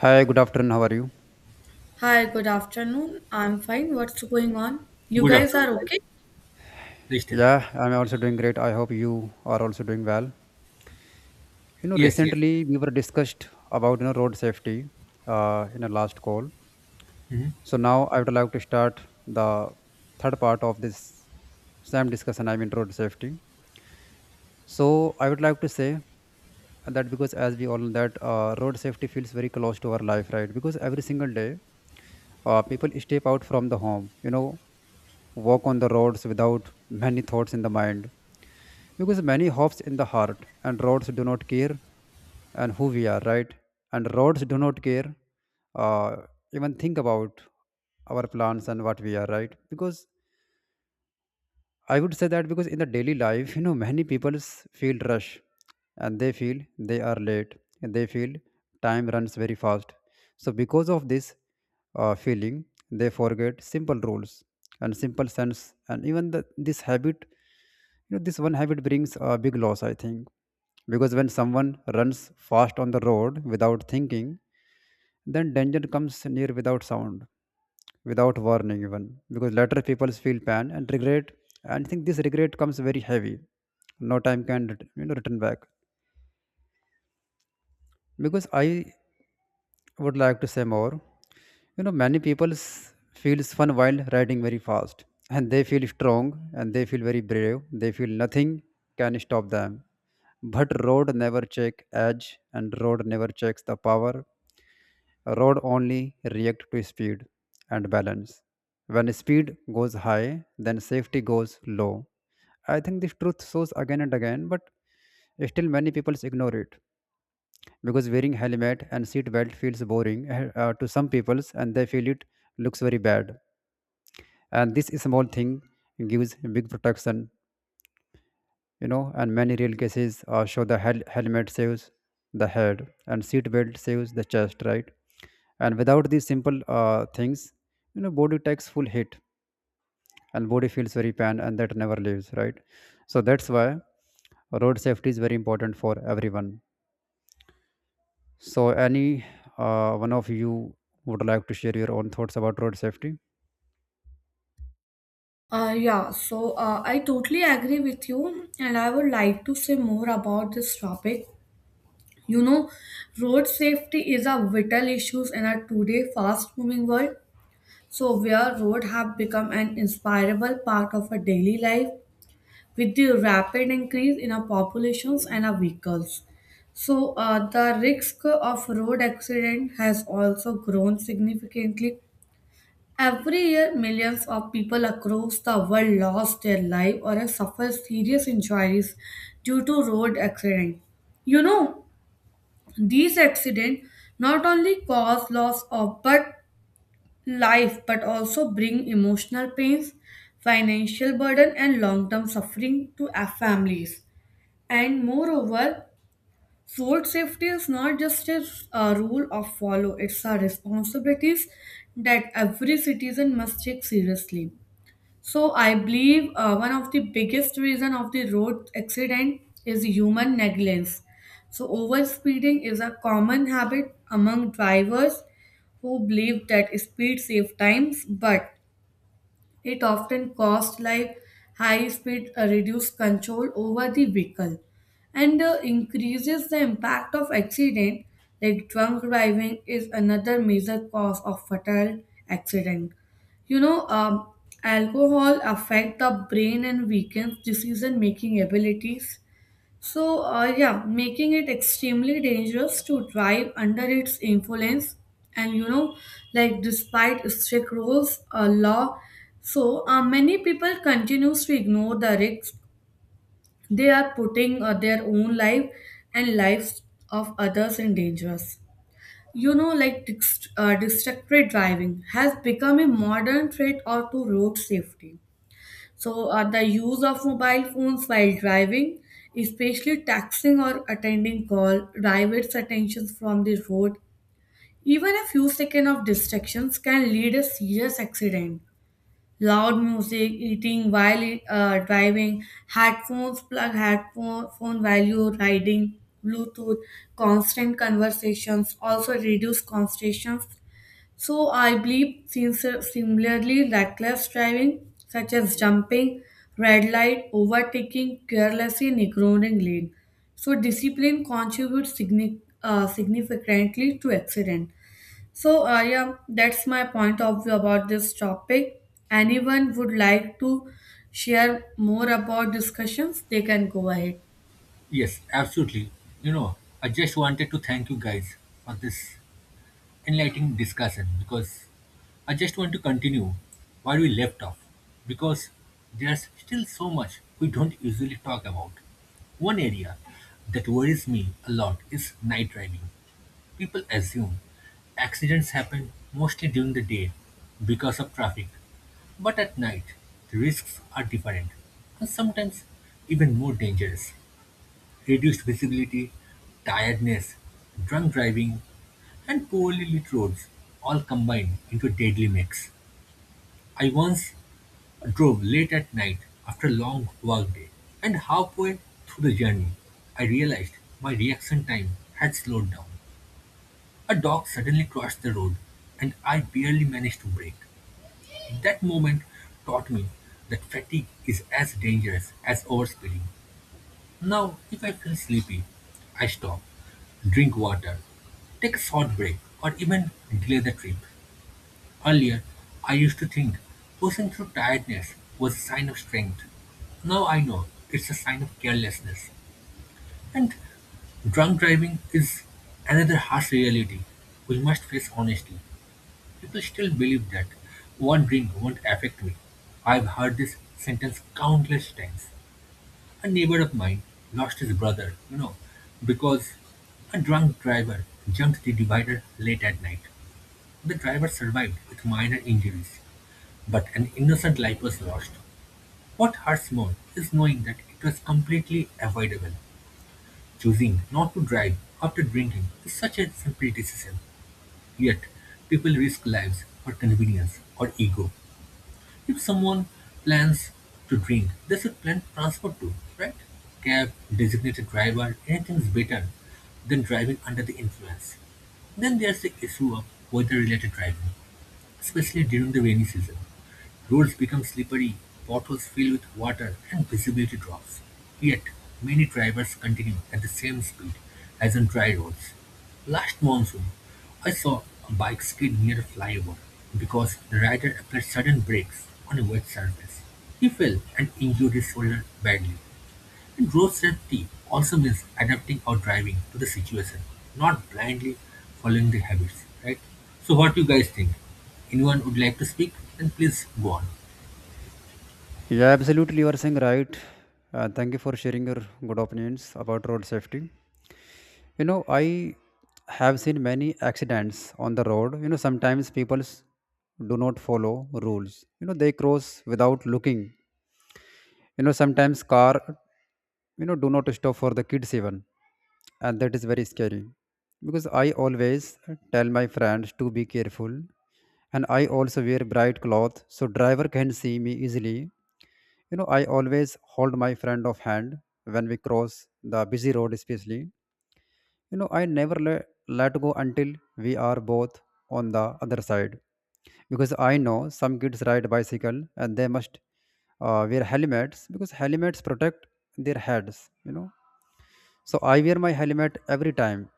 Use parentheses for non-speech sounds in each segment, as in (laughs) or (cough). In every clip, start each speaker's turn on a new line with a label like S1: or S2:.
S1: Hi, good afternoon. How are you?
S2: Hi, good afternoon. I'm fine. What's going on? You
S3: Good
S2: guys
S3: afternoon,
S2: are
S3: guys.
S2: okay?
S3: Please tell.
S1: Yeah, I'm also doing great. I hope you are also doing well.
S3: Yes, yes.
S1: Recently we were discussed about road safety in a last call.
S3: Mhm.
S1: So now I would like to start the third part of this same discussion. I mean road safety. So I would like to say that because as we all know that road safety feels very close to our life, right? Because every single day, people step out from the home. Walk on the roads without many thoughts in the mind because many hopes in the heart and roads do not care and who we are right and roads do not care uh, even think about our plans and what we are right because I would say that because in the daily life, many people feel rush and they feel they are late and they feel time runs very fast. So, because of this feeling, they forget simple rules and simple sense. And even this habit, this one habit brings a big loss, I think. Because when someone runs fast on the road without thinking, then danger comes near without sound, without warning even, because later people feel pain and regret, and think this regret comes very heavy. No time can return back. Because I would like to say more. You know, many people feels fun while riding very fast, and they feel strong and they feel very brave. They feel nothing can stop them. But road never check edge, and road never checks the power. Road only react to speed and balance. When speed goes high, then safety goes low. I think this truth shows again and again, but still many people ignore it because wearing helmet and seat belt feels boring (laughs) to some peoples and they feel it looks very bad. And this small thing gives big protection, and many real cases show the helmet saves the head and seat belt saves the chest, right? And without these simple things, you know, body takes full hit and body feels very pain and that never leaves, right? So that's why road safety is very important for everyone. So any one of you would like to share your own thoughts about road safety?
S2: I totally agree with you, and I would like to say more about this topic. You know, road safety is a vital issue in our today fast-moving world. So, where road have become an inseparable part of our daily life with the rapid increase in our populations and our vehicles. So, the risk of road accident has also grown significantly. Every year, millions of people across the world lost their life or have suffered serious injuries due to road accidents. You know, these accidents not only cause loss of but life but also bring emotional pains, financial burden, and long-term suffering to our families. And moreover, road safety is not just a rule of follow; it's a responsibility that every citizen must take seriously. So I believe one of the biggest reason of the road accident is human negligence. So overspeeding is a common habit among drivers who believe that speed saves times, but it often costs like high speed reduced control over the vehicle and increases the impact of accident like drunk driving is another major cause of fatal accident, you know, alcohol affect the brain and weakens decision making abilities, so, making it extremely dangerous to drive under its influence, and you know, like despite strict rules, law, so many people continues to ignore the risks. They are putting their own life and lives of others in dangers. You know, like distracted driving has become a modern threat or to road safety, so, the use of mobile phones while driving, especially texting or attending call, diverts attention from the road. Even a few seconds of distractions can lead a serious accident. Loud music, eating while driving, headphones, plug headphone phone while you're riding, Bluetooth, constant conversations also reduce concentration. So I believe, since similarly, reckless driving, such as jumping, red light, overtaking, carelessly and ignoring lane. So discipline contributes significantly to accident. So that's my point of view about this topic. Anyone would like to share more about discussions, they can go ahead.
S3: Yes, absolutely. You know, I just wanted to thank you guys for this enlightening discussion because I just want to continue where we left off because there's still so much we don't usually talk about. One area that worries me a lot is night driving. People assume accidents happen mostly during the day because of traffic, but at night, the risks are different and sometimes even more dangerous. Reduced visibility, tiredness, drunk driving, and poorly lit roads all combine into a deadly mix. I once drove late at night after a long work day, and halfway through the journey, I realized my reaction time had slowed down. A dog suddenly crossed the road, and I barely managed to brake. That moment taught me that fatigue is as dangerous as overspeeding. Now, if I feel sleepy, I stop, drink water, take a short break, or even delay the trip. Earlier, I used to think pushing through tiredness was a sign of strength. Now I know it's a sign of carelessness. And drunk driving is another harsh reality we must face honestly. People still believe that "one drink won't affect me." I've heard this sentence countless times. A neighbor of mine lost his brother, you know, because a drunk driver jumped the divider late at night. The driver survived with minor injuries, but an innocent life was lost. What hurts more is knowing that it was completely avoidable. Choosing not to drive after drinking is such a simple decision, yet people risk lives for convenience or ego. If someone plans to drink, they should plan transport too, right? Cab, designated driver, anything is better than driving under the influence. Then there's the issue of weather related driving especially during the rainy season. Roads become slippery, potholes fill with water, and visibility drops. Yet, many drivers continue at the same speed as on dry roads. Last monsoon, I saw a bike skid near a flyover because the rider applied sudden brakes on a wet surface. He fell and injured his shoulder badly. Road safety also means adapting our driving to the situation, not blindly following the habits, right? So what you guys think? Anyone would like to speak? Then please go on.
S1: Yeah, absolutely, you are saying right. And thank you for sharing your good opinions about road safety. You know, I have seen many accidents on the road. You know, sometimes people do not follow rules. You know, they cross without looking. You know, sometimes car, you know, do not stop for the kids even, and that is very scary. Because I always tell my friends to be careful, and I also wear bright cloth so driver can see me easily. You know, I always hold my friend of hand when we cross the busy road especially. I never let go until we are both on the other side, because I know some kids ride bicycle and they must wear helmets because helmets protect their heads. You know, so I wear my helmet every time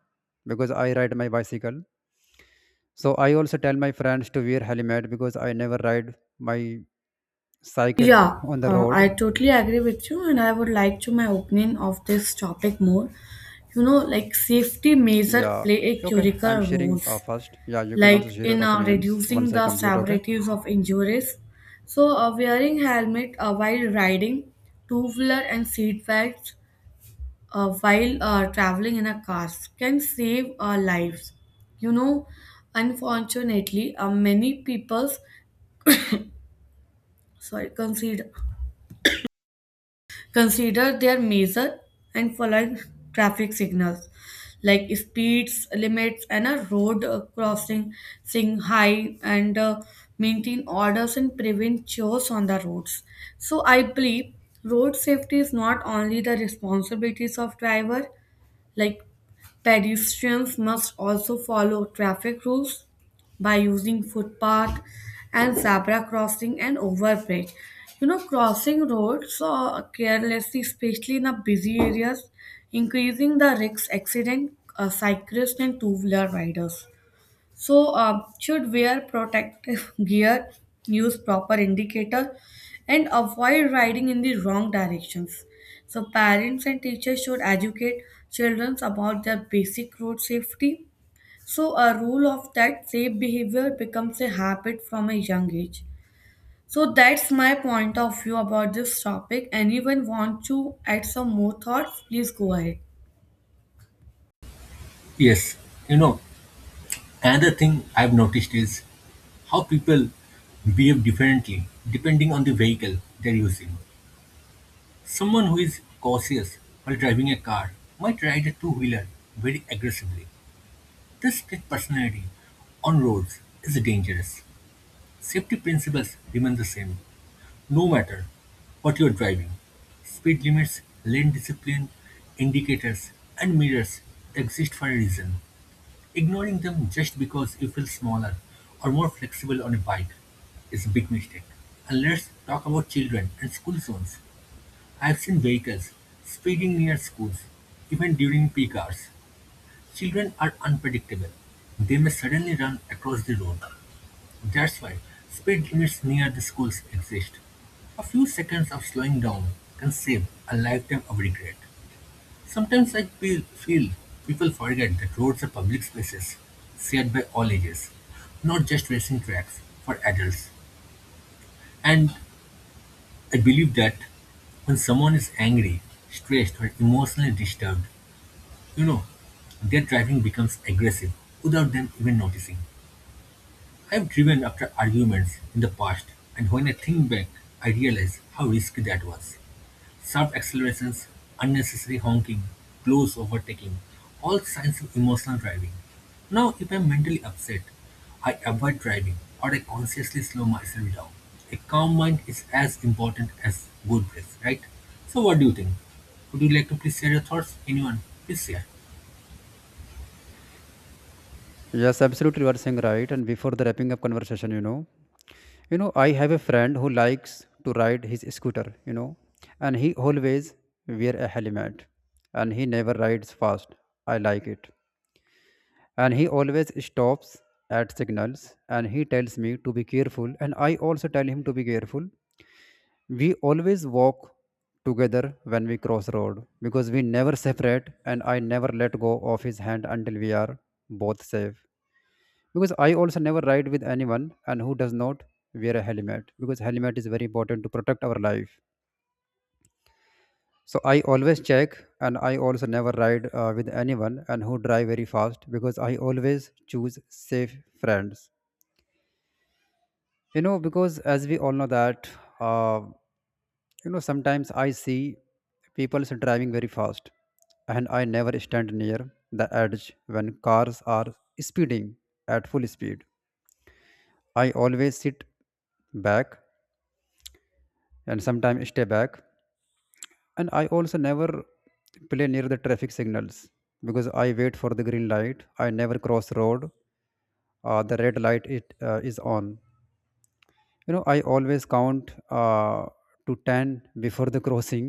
S1: because I ride my bicycle. So I also tell my friends to wear helmet because I never ride my cycle
S2: Yeah,
S1: on the
S2: I
S1: road.
S2: totally agree with you, and I would like to my opinion of this topic more. You know, like safety measure
S1: Yeah.
S2: play a
S1: Okay, I'm
S2: critical
S1: sharing
S2: roles,
S1: first. Yeah, you can also
S2: like
S1: share your
S2: in
S1: opinions
S2: reducing
S1: once I
S2: the
S1: complete. Okay.
S2: severities of injuries. So, wearing helmet while riding, two wheeler and seat belts while traveling in a car can save our lives. You know, unfortunately, many people's sorry consider. Consider their measure and following traffic signals like speeds limits and a road crossing sing high and maintain orders and prevent chores on the roads, so I believe road safety is not only the responsibilities of driver, like pedestrians must also follow traffic rules by using footpath and zebra crossing and overbridge. You know, crossing roads carelessly, especially in the busy areas, increasing the risk accident cyclists and two-wheeler riders. So, should wear protective (laughs) gear, use proper indicator, and avoid riding in the wrong directions. So, parents and teachers should educate children about their basic road safety. So, a rule of that safe behavior becomes a habit from a young age. So, that's my point of view about this topic. Anyone want to add some more thoughts? Please go ahead.
S3: Yes, you know, another thing I've noticed is how people behave differently depending on the vehicle they're using. Someone who is cautious while driving a car might ride a two wheeler very aggressively. This split personality on roads is dangerous. Safety principles remain the same, no matter what you're driving, speed limits, lane discipline, indicators, and mirrors exist for a reason. Ignoring them just because you feel smaller or more flexible on a bike is a big mistake. And let's talk about children and school zones. I've seen vehicles speeding near schools, even during peak hours. Children are unpredictable. They may suddenly run across the road, that's why speed limits near the schools exist. A few seconds of slowing down can save a lifetime of regret. Sometimes I feel people forget that roads are public spaces shared by all ages, not just racing tracks for adults. And I believe that when someone is angry, stressed, or emotionally disturbed, you know, their driving becomes aggressive without them even noticing. I've driven after arguments in the past, and when I think back, I realize how risky that was. Sharp accelerations, unnecessary honking, close overtaking, all signs of emotional driving. Now, if I'm mentally upset, I avoid driving or I consciously slow myself down. A calm mind is as important as good breath, right? So, what do you think? Would you like to please share your thoughts? Anyone? Please share.
S1: Yes, absolutely, you are saying right. And before the wrapping up conversation, you know, I have a friend who likes to ride his scooter, you know, and he always wear a helmet and he never rides fast. I like it. And he always stops at signals and he tells me to be careful and I also tell him to be careful. We always walk together when we cross road because we never separate and I never let go of his hand until we are both safe, because I also never ride with anyone and who does not wear a helmet, because helmet is very important to protect our life. So I always check, and I also never ride with anyone and who drive very fast because I always choose safe friends. Because as we all know that uh, you know, sometimes I see people is driving very fast, and I never stand near the edge when cars are speeding at full speed. I always sit back and sometimes stay back, and I also never play near the traffic signals because I wait for the green light. I never cross road the red light it is on. You know, I always count to 10 before the (laughs) crossing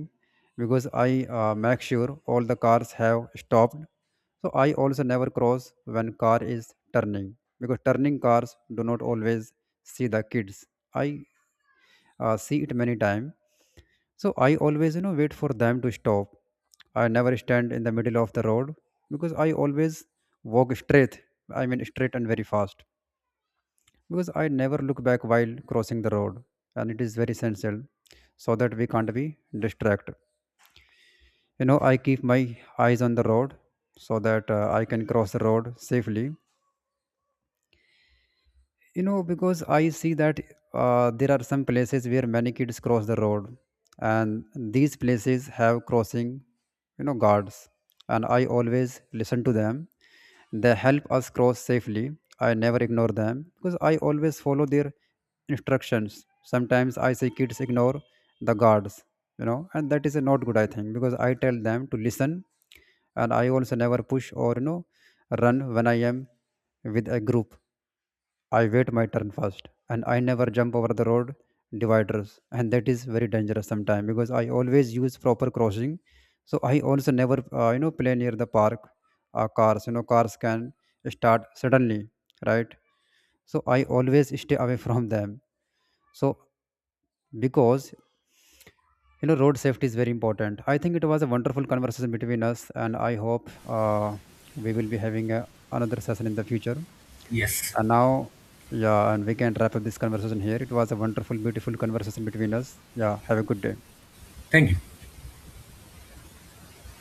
S1: because I make sure all the cars have stopped. So I also never cross when car is turning because turning cars do not always see the kids. I see it many time. So I always, you know, wait for them to stop. I never stand in the middle of the road because I always walk straight. I mean, straight and very fast because I never look back while crossing the road, and it is very essential so that we can't be distracted. You know, I keep my eyes on the road so that I can cross the road safely. You know, because I see that there are some places where many kids cross the road, and these places have crossing, you know, guards, and I always listen to them. They help us cross safely. I never ignore them because I always follow their instructions. Sometimes I see kids ignore the guards, you know, and that is a not good, I think, because I tell them to listen. And I also never push or, you know, run when I am with a group. I wait my turn first and I never jump over the road dividers, and that is very dangerous sometimes because I always use proper crossing. So I also never play near the park cars. You know, cars can start suddenly, right? So I always stay away (laughs) from them. So because, you know, road safety is very important. I think it was a wonderful conversation between us and I hope uh, we will be having another session in the future.
S3: Yes.
S1: And now, yeah, and we can wrap up this conversation here. It was a wonderful beautiful conversation between us. Yeah, have a good day.
S3: Thank you.